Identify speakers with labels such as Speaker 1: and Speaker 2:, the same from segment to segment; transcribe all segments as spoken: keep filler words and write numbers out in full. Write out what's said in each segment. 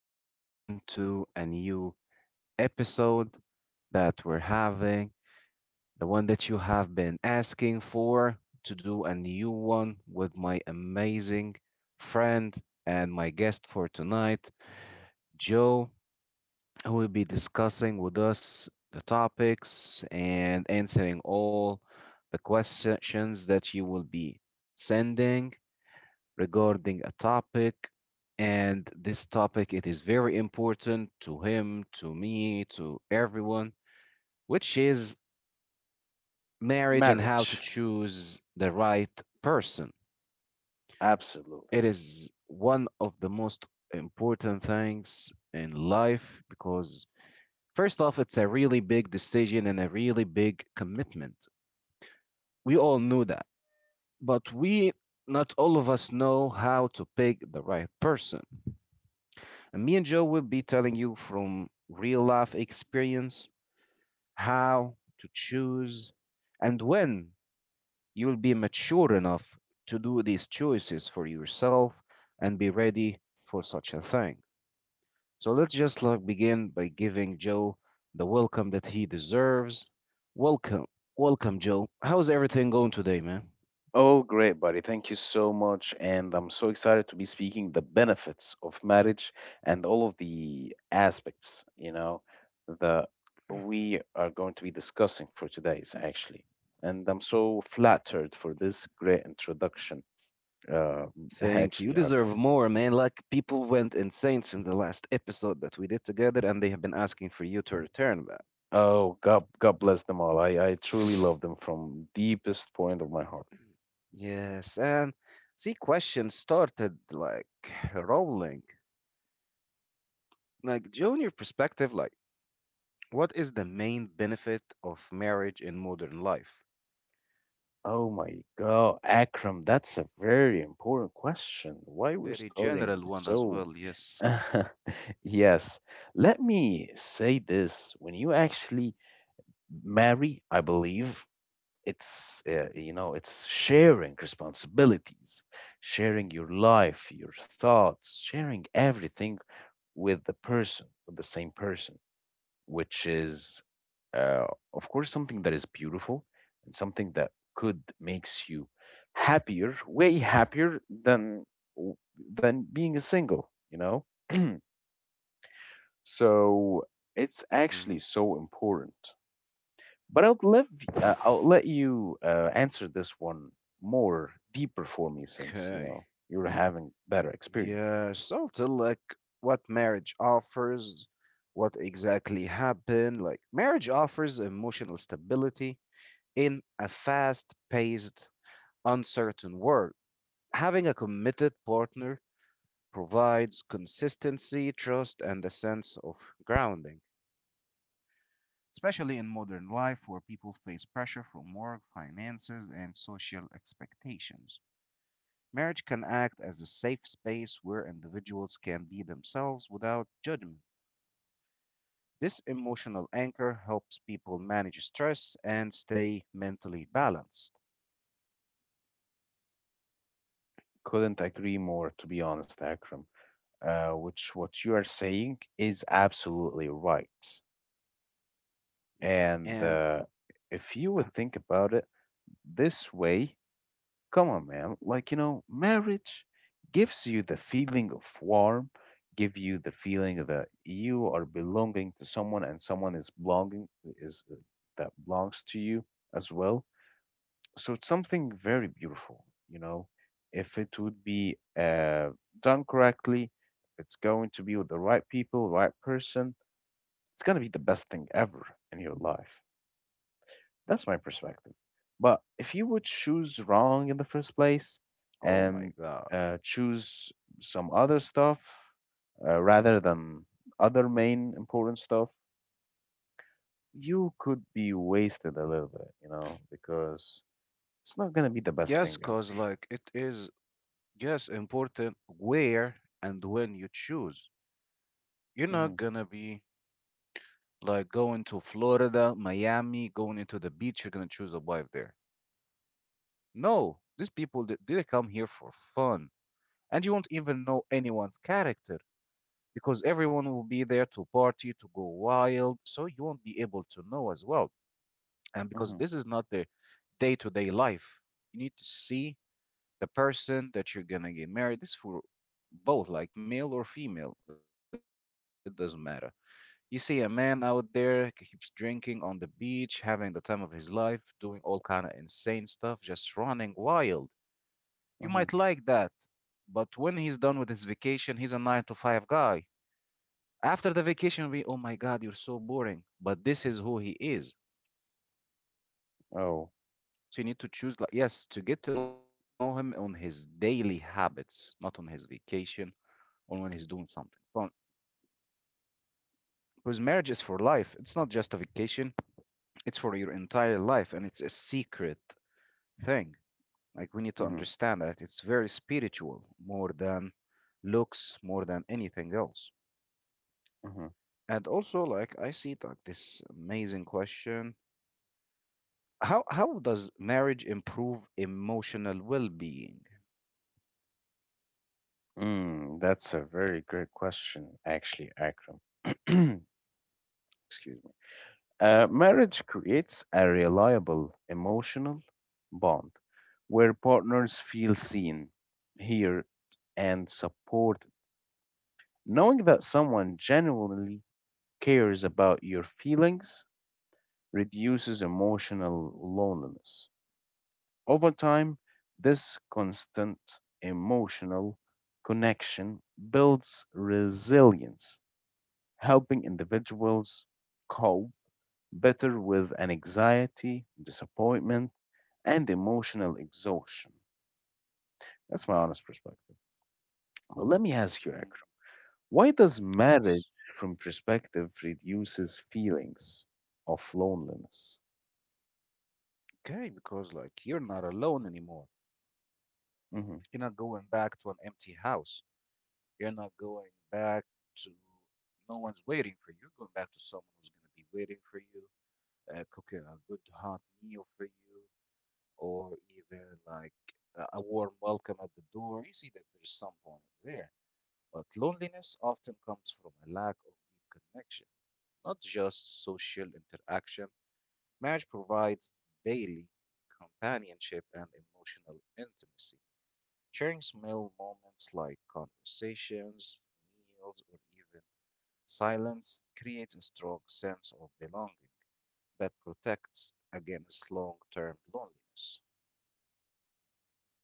Speaker 1: everyone, to a new episode that we're having. The one that you have been asking for to do a new one with my amazing friend and my guest for tonight, Joe, who will be discussing with us the topics and answering all the questions that you will be sending. Regarding a topic, and this topic, it is very important to him, to me, to everyone, which is marriage and how to
Speaker 2: Marriage.
Speaker 1: choose the right person.
Speaker 2: Absolutely.
Speaker 1: It is one of the most important things in life because first off, it's a really big decision and a really big commitment. We all knew that, but we not all of us know how to pick the right person. And me and Joe will be telling you from real life experience how to choose and when you'll be mature enough to do these choices for yourself and be ready for such a thing. So let's just like begin by giving Joe the welcome that he deserves. Welcome. Welcome, Joe. How's everything going today, man?
Speaker 2: Oh, great, buddy. Thank you so much. And I'm so excited to be speaking the benefits of marriage and all of the aspects, you know, that we are going to be discussing for today's actually. And I'm so flattered for this great introduction, uh,
Speaker 1: Thank you. You
Speaker 2: actually, Akram.
Speaker 1: deserve more, man. Like, people went insane since the last episode that we did together, and they have been asking for you to return, man.
Speaker 2: Oh, God, God bless them all. I, I truly love them from deepest point of my heart.
Speaker 1: Yes, and the question started like rolling. Like, during your perspective, like, what is the main benefit of marriage in modern life?
Speaker 2: Oh my God, Akram, that's a very important question. Why we're
Speaker 1: Very
Speaker 2: starting
Speaker 1: general one as
Speaker 2: so?
Speaker 1: well, yes.
Speaker 2: Yes, let me say this. When you actually marry, I believe it's uh, you know it's sharing responsibilities, sharing your life, your thoughts, sharing everything with the person, with the same person which is, uh, of course, something that is beautiful and something that could makes you happier, way happier than than being a single. You know, so it's actually
Speaker 1: Mhm.
Speaker 2: so important. But I'll let uh, I'll let you uh, answer this one more deeper for me, since you
Speaker 1: Okay.
Speaker 2: know you're having better experience.
Speaker 1: Yeah, so to like what marriage offers, what exactly happened. Like, marriage offers emotional stability in a fast-paced, uncertain world. Having a committed partner provides consistency, trust, and a sense of grounding, especially in modern life where people face pressure from work, finances, and social expectations. Marriage can act as a safe space where individuals can be themselves without judgment. This emotional anchor helps people manage stress and stay mentally balanced.
Speaker 2: Couldn't agree more, to be honest, Akram. uh, which what you are saying is absolutely right.
Speaker 1: Mhm.
Speaker 2: And
Speaker 1: And
Speaker 2: uh, if you would think about it this way, come on, man, like, you know, marriage gives you the feeling of warm, give you the feeling that you are belonging to someone and someone is belonging is uh, that belongs to you as well, so it's something very beautiful, you know, if it would be uh, done correctly, if it's going to be with the right people, right person, it's going to be the best thing ever in your life. That's my perspective. But if you would choose wrong in the first place and
Speaker 1: oh my
Speaker 2: uh,
Speaker 1: God.
Speaker 2: choose some other stuff uh, rather than other main important stuff, you could be wasted a little bit, you know, because it's not going to
Speaker 1: Yes,
Speaker 2: be the
Speaker 1: because
Speaker 2: best thing
Speaker 1: like
Speaker 2: ever.
Speaker 1: it is, yes, important where and when you choose. You're not
Speaker 2: Hmm.
Speaker 1: gonna be like going to Florida, Miami, going into the beach. You're gonna choose a wife there. No, these people they, they come here for fun, and you won't even know anyone's character because everyone will be there to party, to go wild. So you won't be able to know as well, and because
Speaker 2: Hmm.
Speaker 1: this is not their day-to-day life, you need to see the person that you're gonna get married. This for both, like male or female, it doesn't matter. You see a man out there keeps drinking on the beach, having the time of his life, doing all kind of insane stuff, just running wild.
Speaker 2: Mhm.
Speaker 1: You might like that, but when he's done with his vacation, he's a nine to five guy. After the vacation, we, oh my God, you're so boring. But this is who he is.
Speaker 2: Oh.
Speaker 1: So you need to choose, like, yes, to get to know him on his daily habits, not on his vacation or when he's doing something fun. Because marriage is for life. It's not just a vacation, it's for your entire life. And it's a secret thing. Like, we need to
Speaker 2: Mhm.
Speaker 1: understand that it's very spiritual, more than looks, more than anything else.
Speaker 2: Mhm.
Speaker 1: And also, like, I see like this amazing question: How how does marriage improve emotional well-being?
Speaker 2: Mm, that's a very great question, actually, Akram. Excuse me. Uh, marriage creates a reliable emotional bond where partners feel seen, heard, and supported. Knowing that someone genuinely cares about your feelings reduces emotional loneliness. Over time, this constant emotional connection builds resilience, helping individuals cope better with an anxiety, disappointment, and emotional exhaustion. That's my honest perspective. Well, let me ask
Speaker 1: Mhm.
Speaker 2: you, Akram, why does
Speaker 1: Yes.
Speaker 2: marriage from perspective reduces feelings of loneliness?
Speaker 1: Okay, because like you're not alone anymore.
Speaker 2: Hmm.
Speaker 1: You're not going back to an empty house. You're not going back to no one's waiting for you. You're going back to someone who's going to be waiting for you, uh, cooking a good hot meal for you, or even like a a warm welcome at the door, you see that there's someone there. But loneliness often comes from a lack of deep connection, not just social interaction. Marriage provides daily companionship and emotional intimacy. Sharing small moments like conversations, meals, or even silence creates a strong sense of belonging that protects against long term loneliness.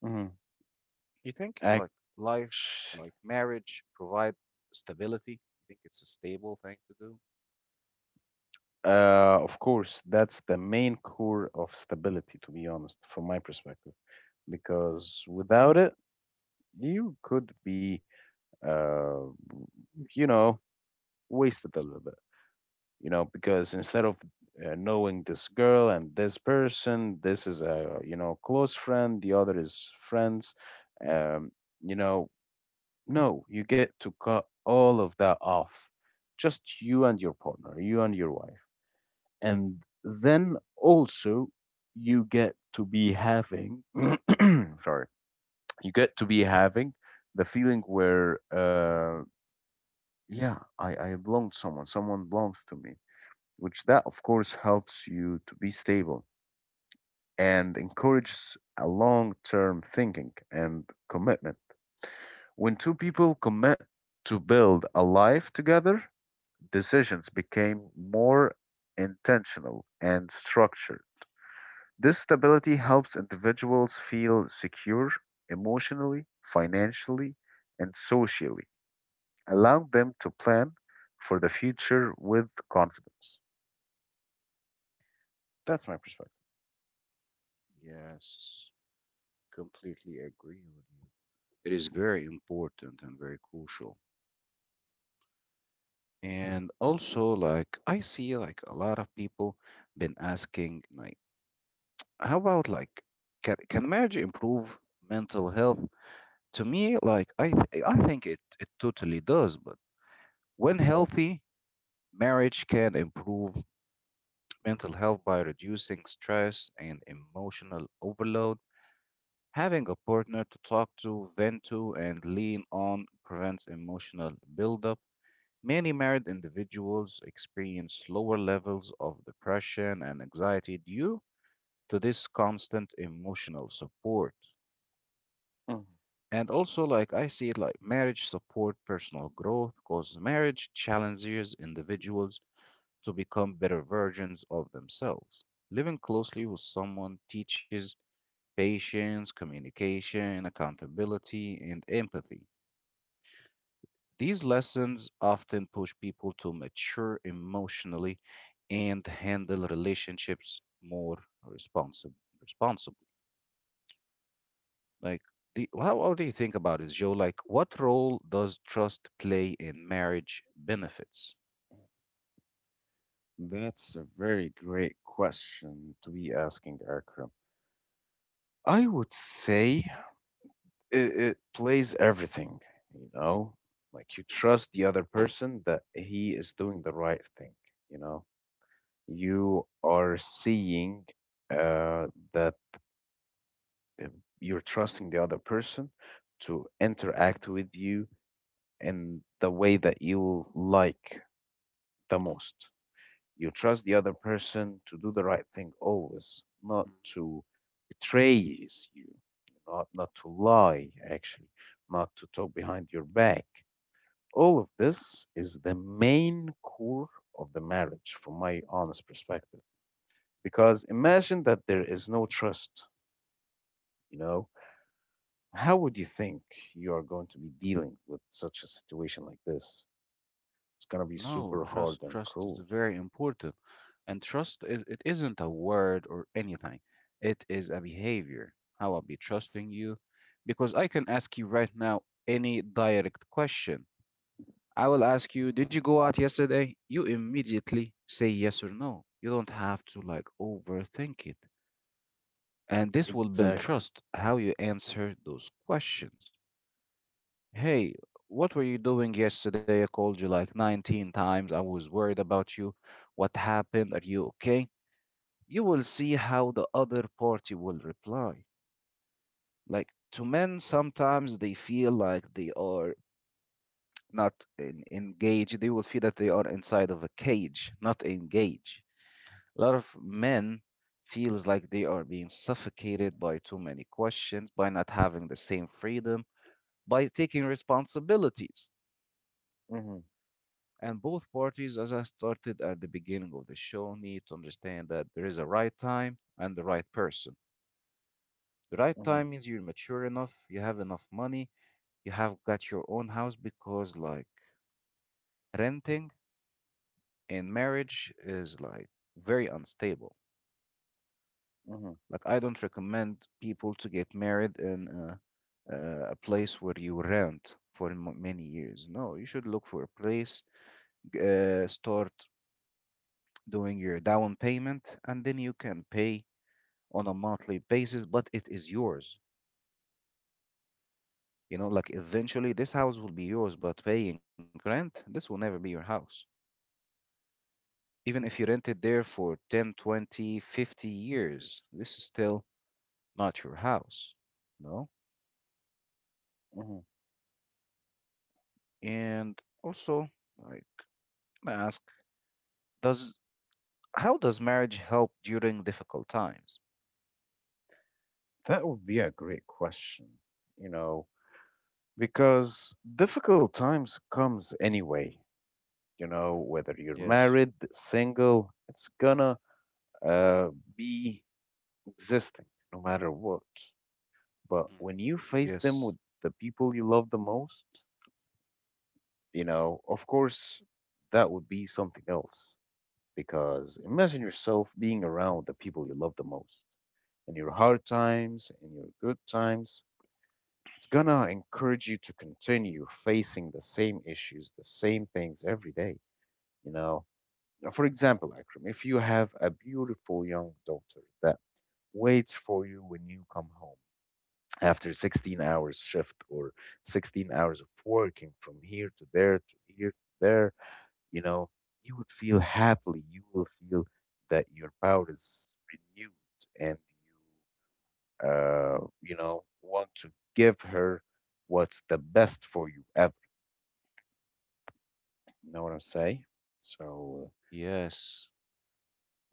Speaker 2: Hmm.
Speaker 1: You think like life, like marriage, provide stability? You think it's a stable thing to do?
Speaker 2: Uh, of course, that's the main core of stability, to be honest, from my perspective, because without it, you could be, uh, you know, wasted a little bit, you know, because instead of uh, knowing this girl and this person, this is a, you know, close friend, the other is friends, um, you know, no, you get to cut all of that off. Just you and your partner, you and your wife. And then also you get to be having sorry, you get to be having the feeling where uh yeah, I, I belong to someone, someone belongs to me. Which that of course helps you to be stable and encourages a long term thinking and commitment. When two people commit to build a life together, decisions became more intentional and structured. This stability helps individuals feel secure emotionally, financially, and socially, allowing them to plan for the future with confidence. That's my perspective.
Speaker 1: Yes, completely agree with you. It is very important and very crucial. And also, like, I see like a lot of people been asking, like, how about like, can, can marriage improve mental health? To me, like, I th I think it it totally does. But when healthy, marriage can improve mental health by reducing stress and emotional overload. Having a partner to talk to, vent to, and lean on prevents emotional buildup. Many married individuals experience lower levels of depression and anxiety due to this constant emotional support.
Speaker 2: Mhm.
Speaker 1: And also, like, I see it, like marriage support personal growth because marriage challenges individuals to become better versions of themselves. Living closely with someone teaches patience, communication, accountability, and empathy. These lessons often push people to mature emotionally and handle relationships more responsib- responsibly. Like, the, how, how do you think about this, Joe? Like, what role does trust play in marriage benefits?
Speaker 2: That's a very great question to be asking, Akram. I would say it, it plays everything, you know? Like you
Speaker 1: Mhm,
Speaker 2: trust the other person that he is doing the right thing, you know? You are seeing uh, that uh, you're trusting the other person to interact with you in the way that you like the most. You trust the other person to do the right thing always, not to betray you, not, not to lie, actually, not to talk behind your back. All of this is the main core of the marriage, from my honest perspective. Because imagine that there is no trust, you know, how would
Speaker 1: mhm.
Speaker 2: you think you are going to be dealing with such a situation like this? It's going to be
Speaker 1: No,
Speaker 2: super
Speaker 1: trust
Speaker 2: hard and
Speaker 1: trust is
Speaker 2: cruel.
Speaker 1: very important. And trust is it isn't a word or anything. It is a behavior. How I'll be trusting you. Because I can ask you right now any direct question. I will ask you, did you go out yesterday? You immediately say yes or no. You don't have to like overthink it. And this will build
Speaker 2: Exactly.
Speaker 1: trust, how you answer those questions. Hey, what were you doing yesterday? I called you like nineteen times. I was worried about you. What happened? Are you okay? You will see how the other party will reply. Like, to men, sometimes they feel like they are not en- engaged. They will feel that they are inside of a cage, not engaged. A lot of men feels like they are being suffocated by too many questions, by not having the same freedom, by taking responsibilities.
Speaker 2: Hmm.
Speaker 1: And both parties, as I started at the beginning of the show, need to understand that there is a right time and the right person. The right
Speaker 2: Hmm.
Speaker 1: time means you're mature enough, you have enough money, you have got your own house because, like, renting in marriage is like very unstable.
Speaker 2: Hmm.
Speaker 1: Like, I don't recommend people to get married in a, a place where you rent for m- many years. No, you should look for a place, g- uh, start doing your down payment, and then you can pay on a monthly basis, but it is yours. You know, like eventually this house will be yours, but paying rent, this will never be your house. Even if you rented there for ten, twenty, fifty years, this is still not your house. No?
Speaker 2: Hmm.
Speaker 1: And also, I ask, does how does marriage help during difficult times?
Speaker 2: That would be a great question, you know, because difficult times comes anyway. You know,
Speaker 1: Mhm.
Speaker 2: whether you're
Speaker 1: Yes.
Speaker 2: married, single, it's gonna uh, be existing no matter what. But when
Speaker 1: Mhm.
Speaker 2: you face them with
Speaker 1: Yes,
Speaker 2: the people you love the most, You know, of course, that would be something else because imagine yourself being around the people you love the most in your hard times, in your good times. It's gonna encourage you to continue facing the same issues, the same things every day. You know, for example, Akram, if you have a beautiful young daughter that waits for you when you come home after sixteen hours shift or sixteen hours of working from here to there to here to there, you know, you would feel happily. You will feel that your power is renewed and you, uh, you know, want to give her what's the best for you ever. You know what I'm saying? So
Speaker 1: yes,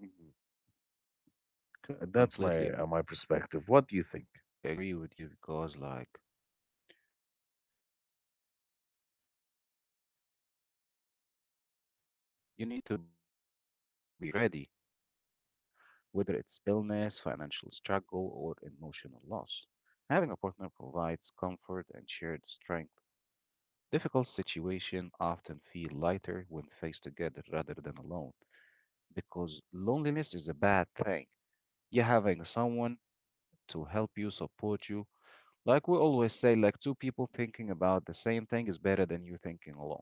Speaker 2: uh, Mhm.
Speaker 1: agree with you because,
Speaker 2: uh, that's
Speaker 1: like,
Speaker 2: my uh, my perspective.
Speaker 1: you
Speaker 2: What do you
Speaker 1: need to
Speaker 2: think?
Speaker 1: be ready, of course. Like, marriage ensure you don't face hardship alone. You're not alone, whether it's illness, financial struggle, or emotional loss. Having a partner provides comfort and shared strength. Difficult situations often feel lighter when faced together rather than alone, because loneliness is a bad thing. You having someone to help you, support you. Like, we always say, like two people thinking about the same thing is better than you thinking alone,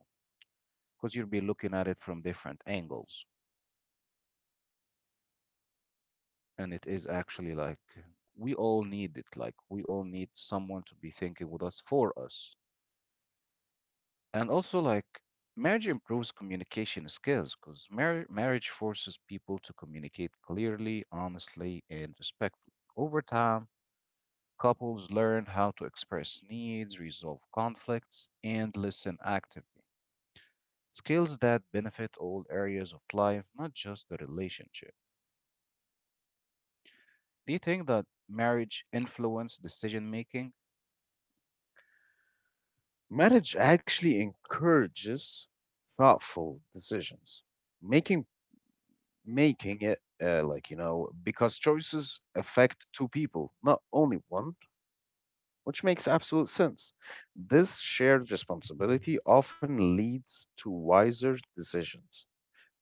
Speaker 1: because you'll be looking at it from different angles. And it is actually like we all need it, like we all need someone to be thinking with us, for us. And also, like, marriage improves communication skills because mar- marriage forces people to communicate clearly, honestly, and respectfully. Over time, couples learn how to express needs, resolve conflicts, and listen actively, skills that benefit all areas of life, not just the relationship. Do you think that marriage influences decision making?
Speaker 2: Marriage actually encourages thoughtful decisions. Making making it uh, like you know because choices affect two people, not only one. Which makes absolute sense. This shared responsibility often leads to wiser decisions,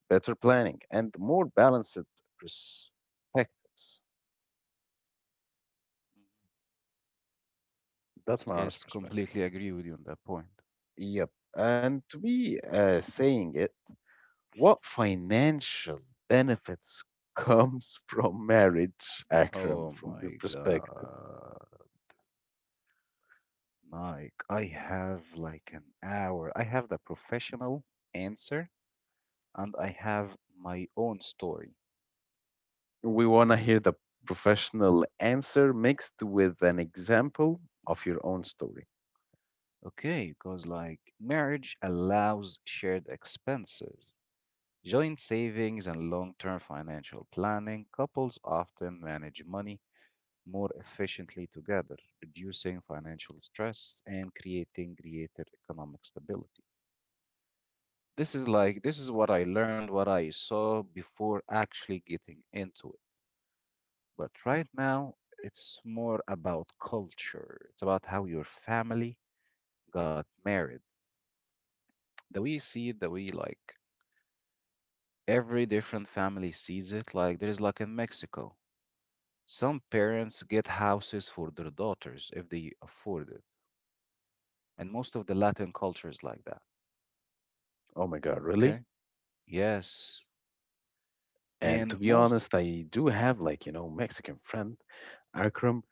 Speaker 2: better planning, and more balanced perspectives. That's my
Speaker 1: Yes,
Speaker 2: honest perspective.
Speaker 1: completely agree with you on that point.
Speaker 2: Yep. And to be uh, saying it, what financial benefits comes from marriage,
Speaker 1: Oh
Speaker 2: Akram, from your
Speaker 1: my
Speaker 2: perspective?
Speaker 1: God, Mike, I have like an hour. I have the professional answer and I have my own story.
Speaker 2: We want to hear the professional answer mixed with an example of your own story.
Speaker 1: Okay, because like marriage allows shared expenses, joint savings, and long-term financial planning. Couples often manage money more efficiently together, reducing financial stress and creating greater economic stability. This is like, this is what I learned, what I saw before actually getting into it. But right now, it's more about culture. It's about how your family got married. The way you see it, the way like every different family sees it, like there is like in Mexico, some parents get houses for their daughters if they afford it. And most of the Latin culture is like that.
Speaker 2: Oh my God, really?
Speaker 1: Okay. Yes.
Speaker 2: And
Speaker 1: And
Speaker 2: to be
Speaker 1: most,
Speaker 2: honest, I do have like, you know, Mexican friend, Akram.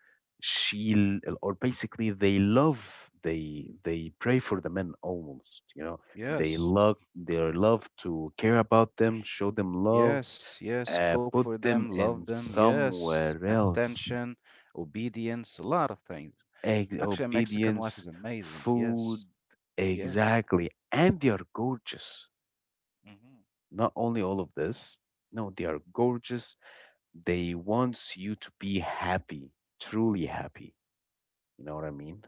Speaker 2: She l- or basically they love they they pray for the men almost, you know. They
Speaker 1: yes.
Speaker 2: love their love to care about them, show them love,
Speaker 1: Yes, yes,
Speaker 2: uh,
Speaker 1: cook
Speaker 2: put
Speaker 1: for
Speaker 2: them
Speaker 1: them, love
Speaker 2: in
Speaker 1: them, yes,
Speaker 2: somewhere else.
Speaker 1: attention, obedience, a lot of things.
Speaker 2: Ex-
Speaker 1: Actually, a Mexican wife
Speaker 2: obedience,
Speaker 1: is amazing.
Speaker 2: food,
Speaker 1: Yes, yes,
Speaker 2: exactly. And they are gorgeous.
Speaker 1: hmm,
Speaker 2: Not only all of this, no, they are gorgeous. They wants you to be happy, truly happy. You know what I mean?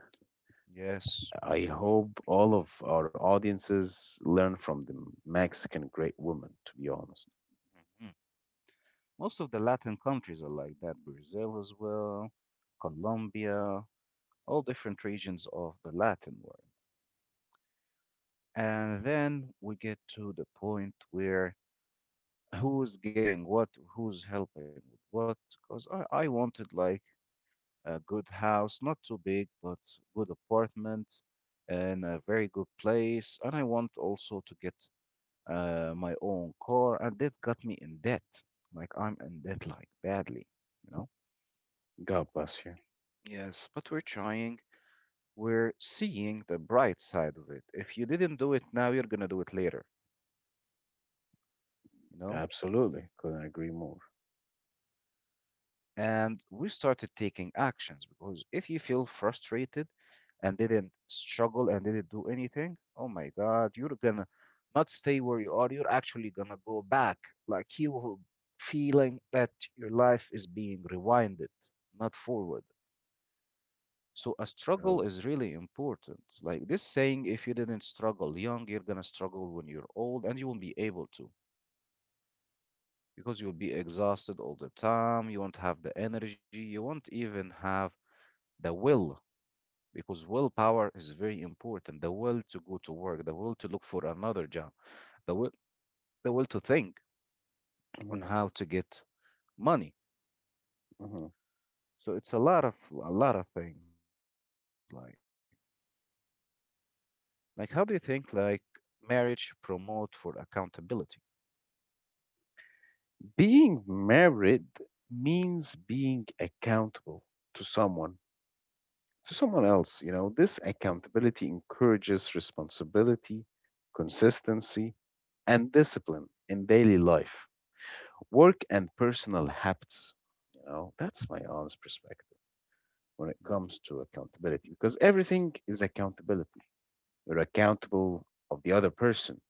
Speaker 1: yes.
Speaker 2: I hope all of our audiences learn from the Mexican great woman, to be honest.
Speaker 1: Mhm. Most of the Latin countries are like that. Brazil as well, Colombia, all different regions of the Latin world. And then we get to the point where who's getting what, who's helping with what, because I, I wanted like a good house, not too big, but good apartment and a very good place. And I want also to get uh, my own car, and that got me in debt. Like I'm in debt, like badly, you know?
Speaker 2: God bless you.
Speaker 1: Yes, but we're trying. We're seeing the bright side of it. If you didn't do it now, you're gonna do it later, you know?
Speaker 2: Absolutely. Couldn't agree more.
Speaker 1: And we started taking actions, because if you feel frustrated and didn't struggle and didn't do anything, oh my god, you're gonna not stay where you are, you're actually gonna go back. Like you will, feeling that your life is being rewinded, not forward. So a struggle
Speaker 2: Oh.
Speaker 1: is really important, like this saying: if you didn't struggle young, you're gonna struggle when you're old, and you won't be able to, because you'll be exhausted all the time, you won't have the energy, you won't even have the will, because willpower is very important. The will to go to work, the will to look for another job, the will, the will to think on
Speaker 2: Mhm,
Speaker 1: how to get money.
Speaker 2: mhm.
Speaker 1: So it's a lot of a lot of things, like like how do you think like marriage promote for accountability?
Speaker 2: Being married means being accountable to someone, to someone else. You know, this accountability encourages responsibility, consistency, and discipline in daily life. Work and personal habits. You know, that's my honest perspective when it comes to accountability because everything is accountability. You're accountable of the other person,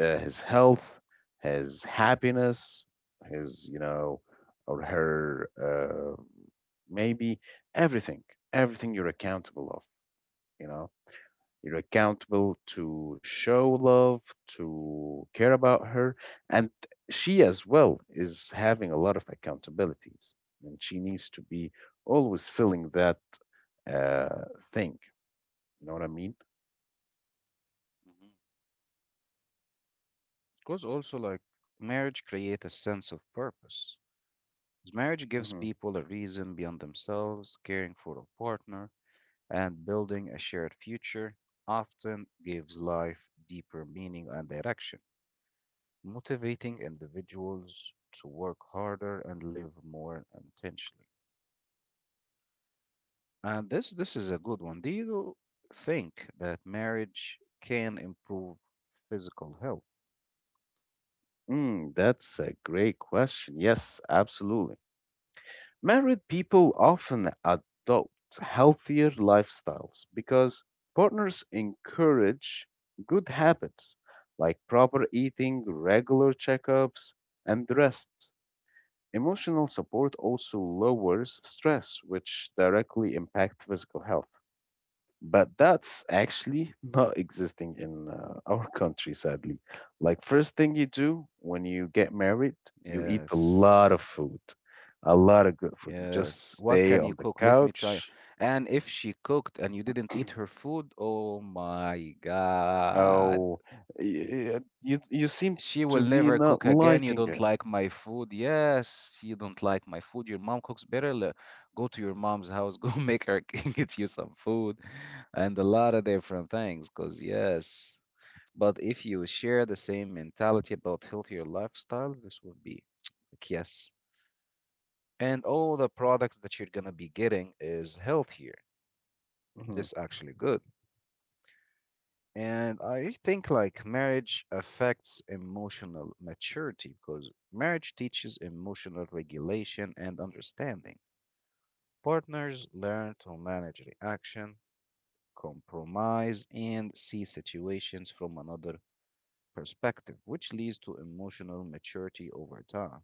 Speaker 2: uh, his health, his happiness, his, you know, or her, uh, maybe everything, everything you're accountable of, you know. You're accountable to show love, to care about her. And she as well is having a lot of accountabilities. And she needs to be always filling that uh, thing. You know what I mean?
Speaker 1: Because also, like, marriage create a sense of purpose. 'Cause marriage gives
Speaker 2: Hmm.
Speaker 1: people a reason beyond themselves, caring for a partner and building a shared future often gives life deeper meaning and direction, motivating individuals to work harder and live more intentionally. And this this is a good one. Do you think that marriage can improve physical health?
Speaker 2: Mm, that's a great question. Yes, absolutely. Married people often adopt healthier lifestyles because partners encourage good habits like proper eating, regular checkups, and rest. Emotional support also lowers stress, which directly impacts physical health, but that's actually not existing in uh, our country sadly. Like, first thing you do when you get married, you eat a
Speaker 1: Yes.
Speaker 2: lot of food, a lot of good food,
Speaker 1: Yes.
Speaker 2: you
Speaker 1: What
Speaker 2: just
Speaker 1: can you
Speaker 2: stay
Speaker 1: cook?
Speaker 2: on
Speaker 1: Let
Speaker 2: the
Speaker 1: me try.
Speaker 2: couch.
Speaker 1: And if she cooked and you didn't eat her food, oh my God.
Speaker 2: Oh, y- you you seem
Speaker 1: She will
Speaker 2: to be
Speaker 1: never cook
Speaker 2: not
Speaker 1: again. You
Speaker 2: liking
Speaker 1: don't
Speaker 2: it.
Speaker 1: like my food. Yes, you don't like my food. Your mom cooks better. Le- Go to your mom's house. Go make her get you some food and a lot of different things. Because, yes. But if you share the same mentality about healthier lifestyle, this would be, like, yes. And all the products that you're going to be getting is healthier.
Speaker 2: Mhm.
Speaker 1: This actually good. And I think, like, marriage affects emotional maturity, because marriage teaches emotional regulation and understanding. Partners learn to manage reaction, compromise, and see situations from another perspective, which leads to emotional maturity over time.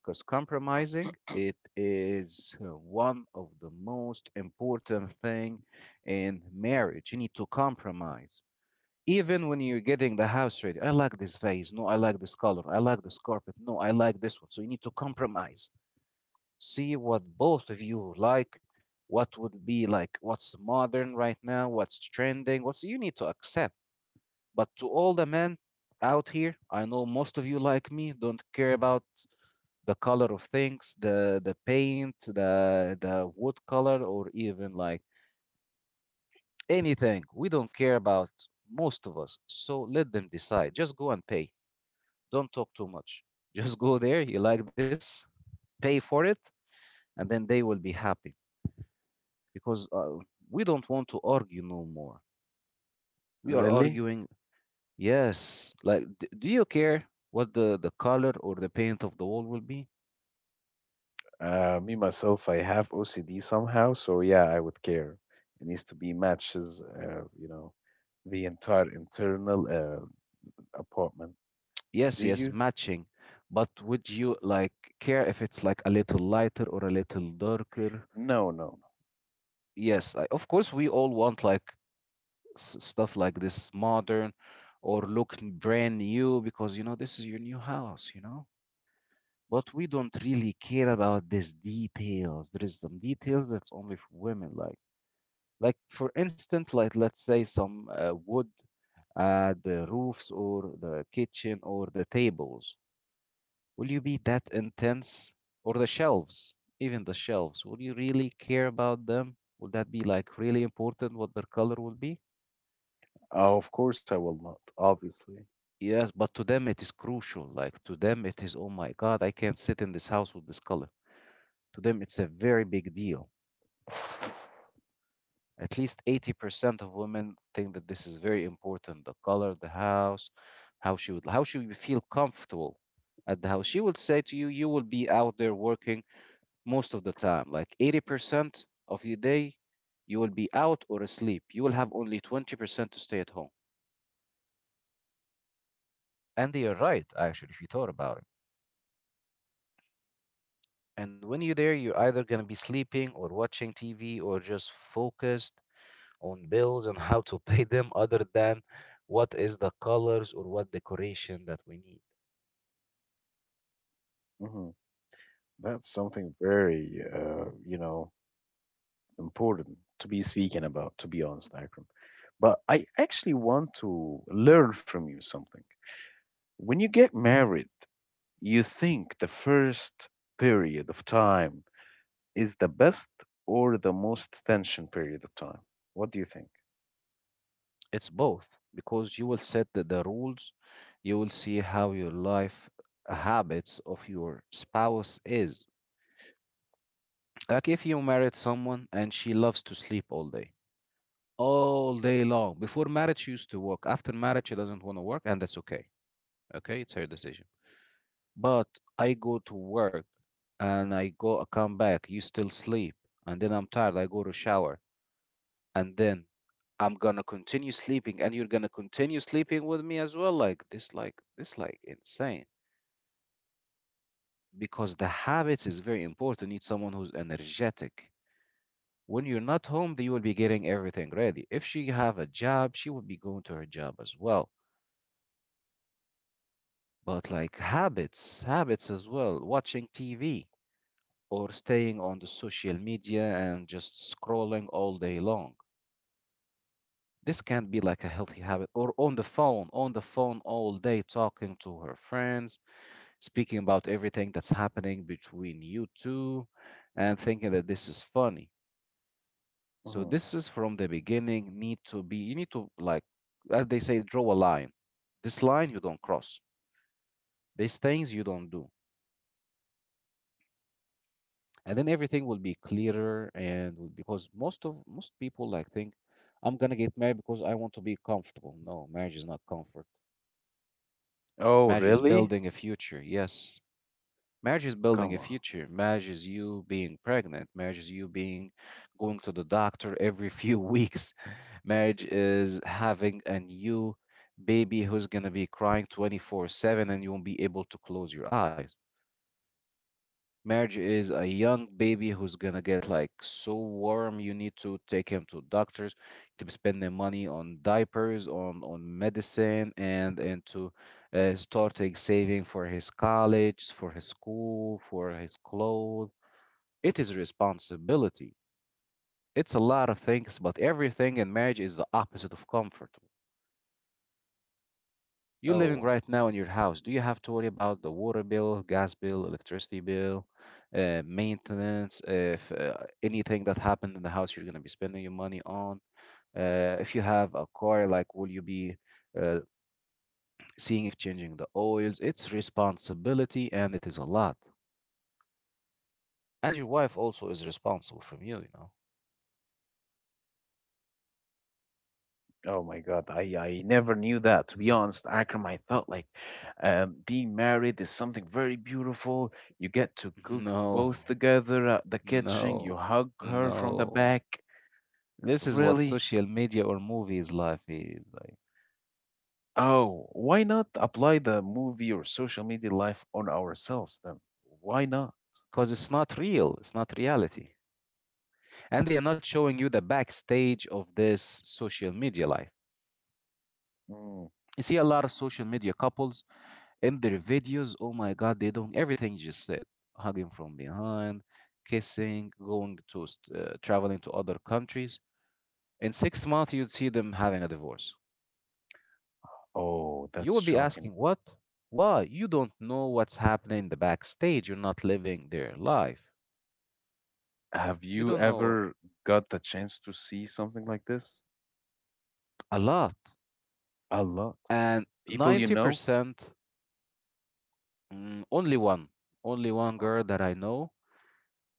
Speaker 1: Because compromising, it is uh, one of the most important thing in marriage. You need to compromise even when you're getting the house ready. I like this vase, no I like this color, I like this carpet, no I like this one. So you need to compromise, see what both of you like, what would be like, what's modern right now, what's trending, what's, you need to accept. But to all the men out here, I know most of you like me don't care about the color of things, the the paint, the the wood color, or even like anything, we don't care about, most of us. So let them decide, just go and pay. Don't talk too much. Just go there. You like this? Pay for it, and then they will be happy, because uh, we don't want to argue no more. We are
Speaker 2: Really.
Speaker 1: arguing. Yes. Like, d- do you care what the the color or the paint of the wall will be?
Speaker 2: Uh, me myself I have OCD somehow, so yeah, I would care. It needs to be matches uh, you know the entire internal uh, apartment.
Speaker 1: Yes,
Speaker 2: Do
Speaker 1: yes,
Speaker 2: you.
Speaker 1: matching. But would you like care if it's like a little lighter or a little darker?
Speaker 2: No, no. No.
Speaker 1: Yes, I, of course we all want like s- stuff like this modern or look brand new, because you know this is your new house, you know? But we don't really care about these details. There is some details that's only for women, like like for instance, like let's say some uh, wood at the roofs or the kitchen or the tables. Will you be that intense, or the shelves, even the shelves? Will you really care about them? Will that be like really important what their color will be?
Speaker 2: Uh, Of course, I will not. Obviously.
Speaker 1: Yes, but to them it is crucial. Like to them it is, oh my God, I can't sit in this house with this color. To them it's a very big deal. At least eighty percent of women think that this is very important. The color of the house, how she would how she would feel comfortable at the house. She would say to you, you will be out there working most of the time. Like eighty percent of your day, you will be out or asleep. You will have only twenty percent to stay at home. And you're right, actually, if you thought about it. And when you're there, you're either going to be sleeping or watching T V or just focused on bills and how to pay them, other than what is the colors or what decoration that we need.
Speaker 2: Hmm. That's something very, uh, you know, important to be speaking about, to be honest, Akram. But I actually want to learn from you something. When you get married, you think the first period of time is the best or the most tension period of time? What do you think?
Speaker 1: It's both, because you will set the, the rules, you will see how your life, habits of your spouse is. Like if you married someone and she loves to sleep all day, all day long. Before marriage, she used to work. After marriage, she doesn't want to work, and that's okay. Okay, it's her decision. But I go to work and I go come back, you still sleep, and then I'm tired, I go to shower, and then I'm gonna continue sleeping, and you're gonna continue sleeping with me as well. Like this like this like insane. Because the habits is very important. You need someone who's energetic. When you're not home, you will be getting everything ready. If she have a job, she will be going to her job as well. But like habits, habits as well, watching T V, or staying on the social media and just scrolling all day long. This can't be like a healthy habit. Or on the phone, on the phone all day, talking to her friends, speaking about everything that's happening between you two, and thinking that this is funny. So
Speaker 2: Hmm.
Speaker 1: this is from the beginning. Need to be. You need to, like, as they say, draw a line. This line you don't cross. These things you don't do. And then everything will be clearer and will- because most of most people like think I'm gonna get married because I want to be comfortable. No, marriage is not comfort.
Speaker 2: Oh,
Speaker 1: Marriage is
Speaker 2: really?
Speaker 1: building a future, yes. Marriage is building
Speaker 2: Come
Speaker 1: a
Speaker 2: on.
Speaker 1: future. Marriage is you being pregnant. Marriage is you being going to the doctor every few weeks. Marriage is having a new baby who's gonna be crying twenty-four seven, and you won't be able to close your eyes. Marriage is a young baby who's gonna get like so warm. You need to take him to doctors, to spend the money on diapers, on on medicine, and and to uh, starting saving for his college, for his school, for his clothes. It is responsibility. It's a lot of things, but everything in marriage is the opposite of comfort. You're living
Speaker 2: Oh,
Speaker 1: right now in your house. Do you have to worry about the water bill, gas bill, electricity bill, uh, maintenance? If uh, anything that happened in the house, you're going to be spending your money on. Uh, if you have a car, like, will you be uh, seeing if changing the oils? It's responsibility, and it is a lot. And your wife also is responsible from you, you know.
Speaker 2: Oh my God, I, I never knew that. To be honest, Akram, I thought like um, being married is something very beautiful. You get to cook
Speaker 1: No,
Speaker 2: both together at the kitchen, you
Speaker 1: no,
Speaker 2: hug her from the
Speaker 1: no.
Speaker 2: back.
Speaker 1: This is what
Speaker 2: Really?
Speaker 1: social media or movies life is like.
Speaker 2: Oh, why not apply the movie or social media life on ourselves then? Why not?
Speaker 1: Because it's not real, it's not reality. And they are not showing you the backstage of this social media life.
Speaker 2: Mm.
Speaker 1: You see a lot of social media couples in their videos. Oh my God, they're doing everything you just said: hugging from behind, kissing, going to st- uh, traveling to other countries. In six months, you'd see them having a divorce.
Speaker 2: Oh,
Speaker 1: You
Speaker 2: that's
Speaker 1: would be
Speaker 2: shocking.
Speaker 1: asking, "What? Why? You don't know what's happening in the backstage. You're not living their life.
Speaker 2: Have
Speaker 1: You
Speaker 2: you
Speaker 1: don't know
Speaker 2: ever got the chance to see something like this?
Speaker 1: a lot."
Speaker 2: A lot.
Speaker 1: And
Speaker 2: People you
Speaker 1: ninety
Speaker 2: know?
Speaker 1: percent, mm, only one, only one girl that I know.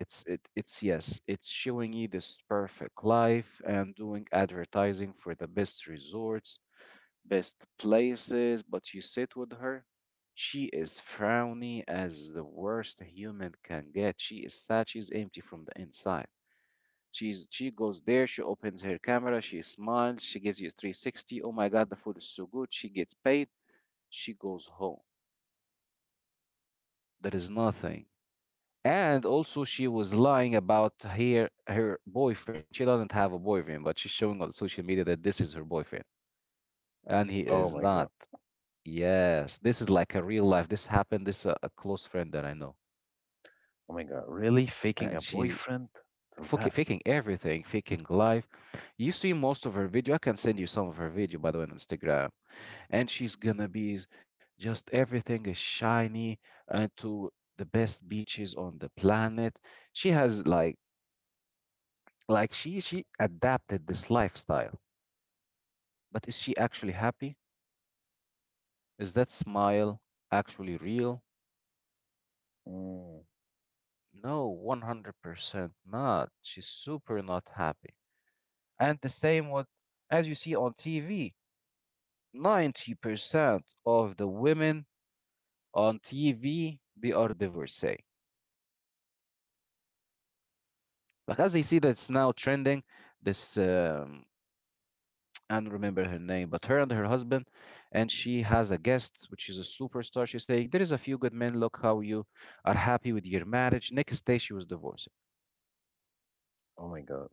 Speaker 1: It's it, it's yes, it's showing you this perfect life and doing advertising for the best resorts, best places, but you sit with her. She is frowny as the worst human can get. She is sad, she's empty from the inside. She's she goes there, she opens her camera, she smiles, she gives you three sixty. Oh my god, the food is so good. She gets paid, she goes home. There is nothing. And also, she was lying about her her boyfriend. She doesn't have a boyfriend, but she's showing on social media that this is her boyfriend, and he
Speaker 2: Oh
Speaker 1: is
Speaker 2: my God.
Speaker 1: not. Yes, this is like a real life. This happened. This uh, a close friend that I know,
Speaker 2: Oh my God, really? Faking
Speaker 1: and
Speaker 2: a
Speaker 1: she's
Speaker 2: boyfriend? Till
Speaker 1: fucking
Speaker 2: that?
Speaker 1: faking everything, faking life. You see most of her video. I can send you some of her video by the way on Instagram, and she's gonna be s- just everything is shiny and to the best beaches on the planet. She has like like she she adapted this lifestyle, but is she actually happy? Is that smile actually real?
Speaker 2: Mm.
Speaker 1: No, one hundred percent not, she's super not happy. And the same with, as you see on T V, ninety percent of the women on T V they are divorcee, because they see that's now trending. This um, I don't remember her name, but her and her husband, and she has a guest, which is a superstar. She's saying, "There is a few good men. Look how you are happy with your marriage." Next day, she was divorced.
Speaker 2: Oh my God.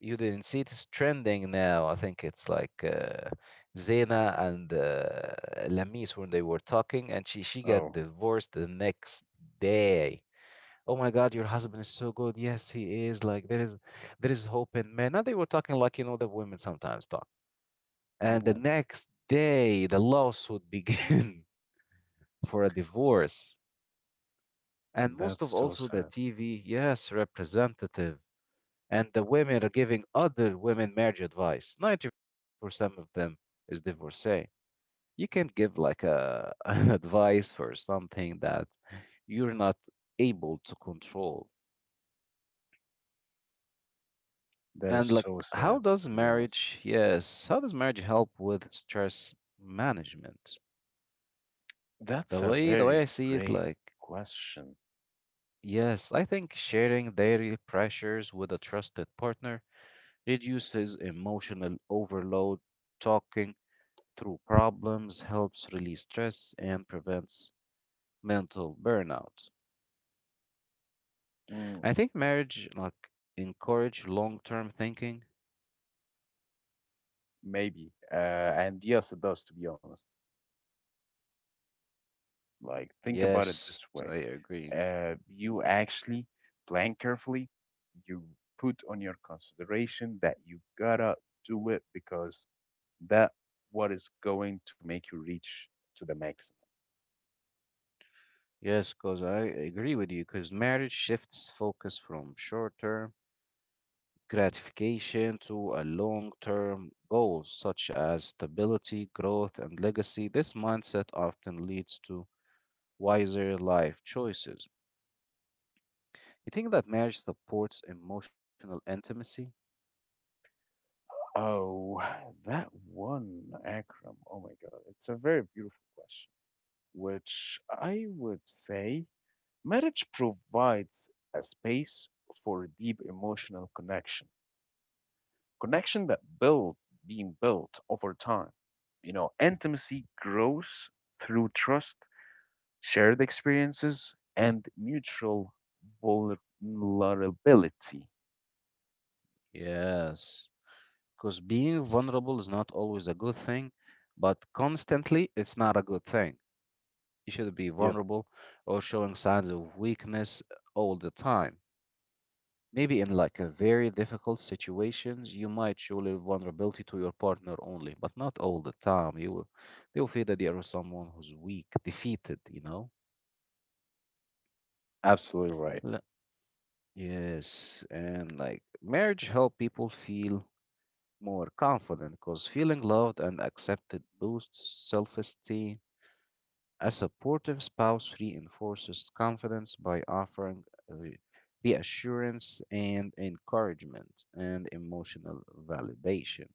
Speaker 1: You didn't see it's trending now. I think it's like uh, Zena and uh, Lamis when they were talking, and she she got
Speaker 2: Oh,
Speaker 1: divorced the next day. Oh my God, your husband is so good. Yes, he is. Like there is, there is hope in men. Now they were talking like, you know, the women sometimes talk. And the
Speaker 2: mhm.
Speaker 1: next day, the lawsuit began for a divorce. And most of
Speaker 2: That's so
Speaker 1: also the
Speaker 2: sad.
Speaker 1: T V, yes, representative. And the women are giving other women marriage advice. ninety percent of them is divorcee. You can't give like a an advice for something that you're not able to control.
Speaker 2: That is
Speaker 1: And
Speaker 2: so
Speaker 1: like,
Speaker 2: sad,
Speaker 1: how
Speaker 2: to
Speaker 1: does
Speaker 2: be honest.
Speaker 1: marriage, yes, how does marriage help with stress management?
Speaker 2: That's
Speaker 1: The
Speaker 2: a
Speaker 1: way the way
Speaker 2: very
Speaker 1: I see it,
Speaker 2: great
Speaker 1: like,
Speaker 2: question.
Speaker 1: yes, I think sharing daily pressures with a trusted partner reduces emotional overload. Talking through problems helps release stress and prevents mental burnout.
Speaker 2: Mm,
Speaker 1: I think marriage like encourage long-term thinking.
Speaker 2: maybe. Uh, and yes, it does, to be honest. Like, think about it
Speaker 1: Yes,
Speaker 2: this
Speaker 1: I
Speaker 2: way.
Speaker 1: agree.
Speaker 2: Uh, you actually plan carefully. You put on your consideration that you gotta do it because that what is going to make you reach to the max.
Speaker 1: Yes, because I agree with you, because marriage shifts focus from short-term gratification to a long-term goals such as stability, growth, and legacy. This mindset often leads to wiser life choices. You think that marriage supports emotional intimacy?
Speaker 2: Oh, that one, Akram. Oh my God. It's a very beautiful question, which I would say marriage provides a space for a deep emotional connection, connection that build being built over time. You know, intimacy grows through trust, shared experiences, and mutual vulnerability.
Speaker 1: Yes, because being vulnerable is not always a good thing, but constantly it's not a good thing. You should be
Speaker 2: Yep,
Speaker 1: vulnerable or showing signs of weakness all the time. Maybe in like a very difficult situations, you might show little vulnerability to your partner only, but not all the time. You will, they will feel that they are someone who's weak, defeated, you know?
Speaker 2: absolutely right.
Speaker 1: Le- Yes, and like marriage help people feel more confident, because feeling loved and accepted boosts self-esteem. A supportive spouse reinforces confidence by offering re- reassurance and encouragement and emotional validation.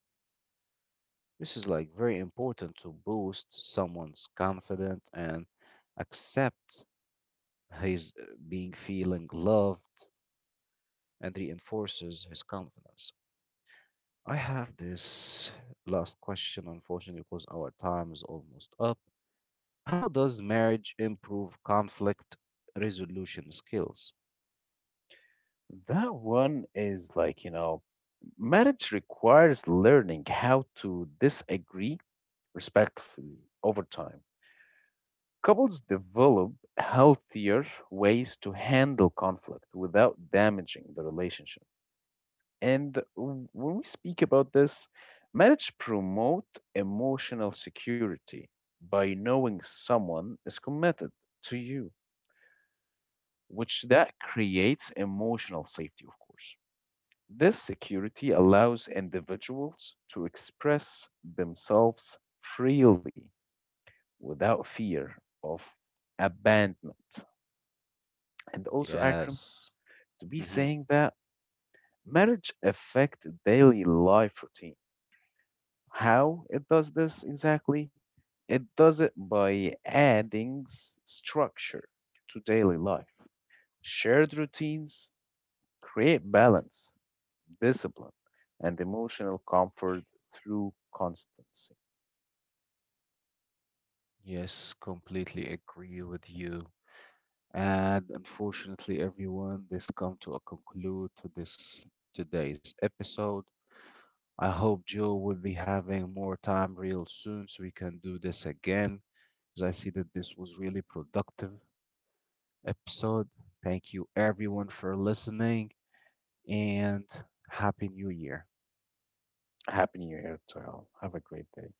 Speaker 1: This is like very important to boost someone's confidence and accept his uh, being feeling loved and reinforces his confidence. I have this last question, unfortunately, because our time is almost up. How does marriage improve conflict resolution skills?
Speaker 2: That one is like, you know, marriage requires learning how to disagree respectfully over time. Couples develop healthier ways to handle conflict without damaging the relationship. And w- when we speak about this, marriage promote emotional security by knowing someone is committed to you, which that creates emotional safety, of course. This security allows individuals to express themselves freely without fear of abandonment. And also, Akram,
Speaker 1: Yes.
Speaker 2: to be
Speaker 1: Hmm.
Speaker 2: saying that marriage affect daily life routine. How it does this exactly? It does it by adding s- structure to daily life. Shared routines create balance, discipline, and emotional comfort through constancy.
Speaker 1: Yes, completely agree with you. And unfortunately, everyone, this come to a conclude to this today's episode. I hope Joe will be having more time real soon so we can do this again. As I see that this was really productive episode. Thank you everyone for listening, and happy new year.
Speaker 2: Happy New Year to all. Have a great day.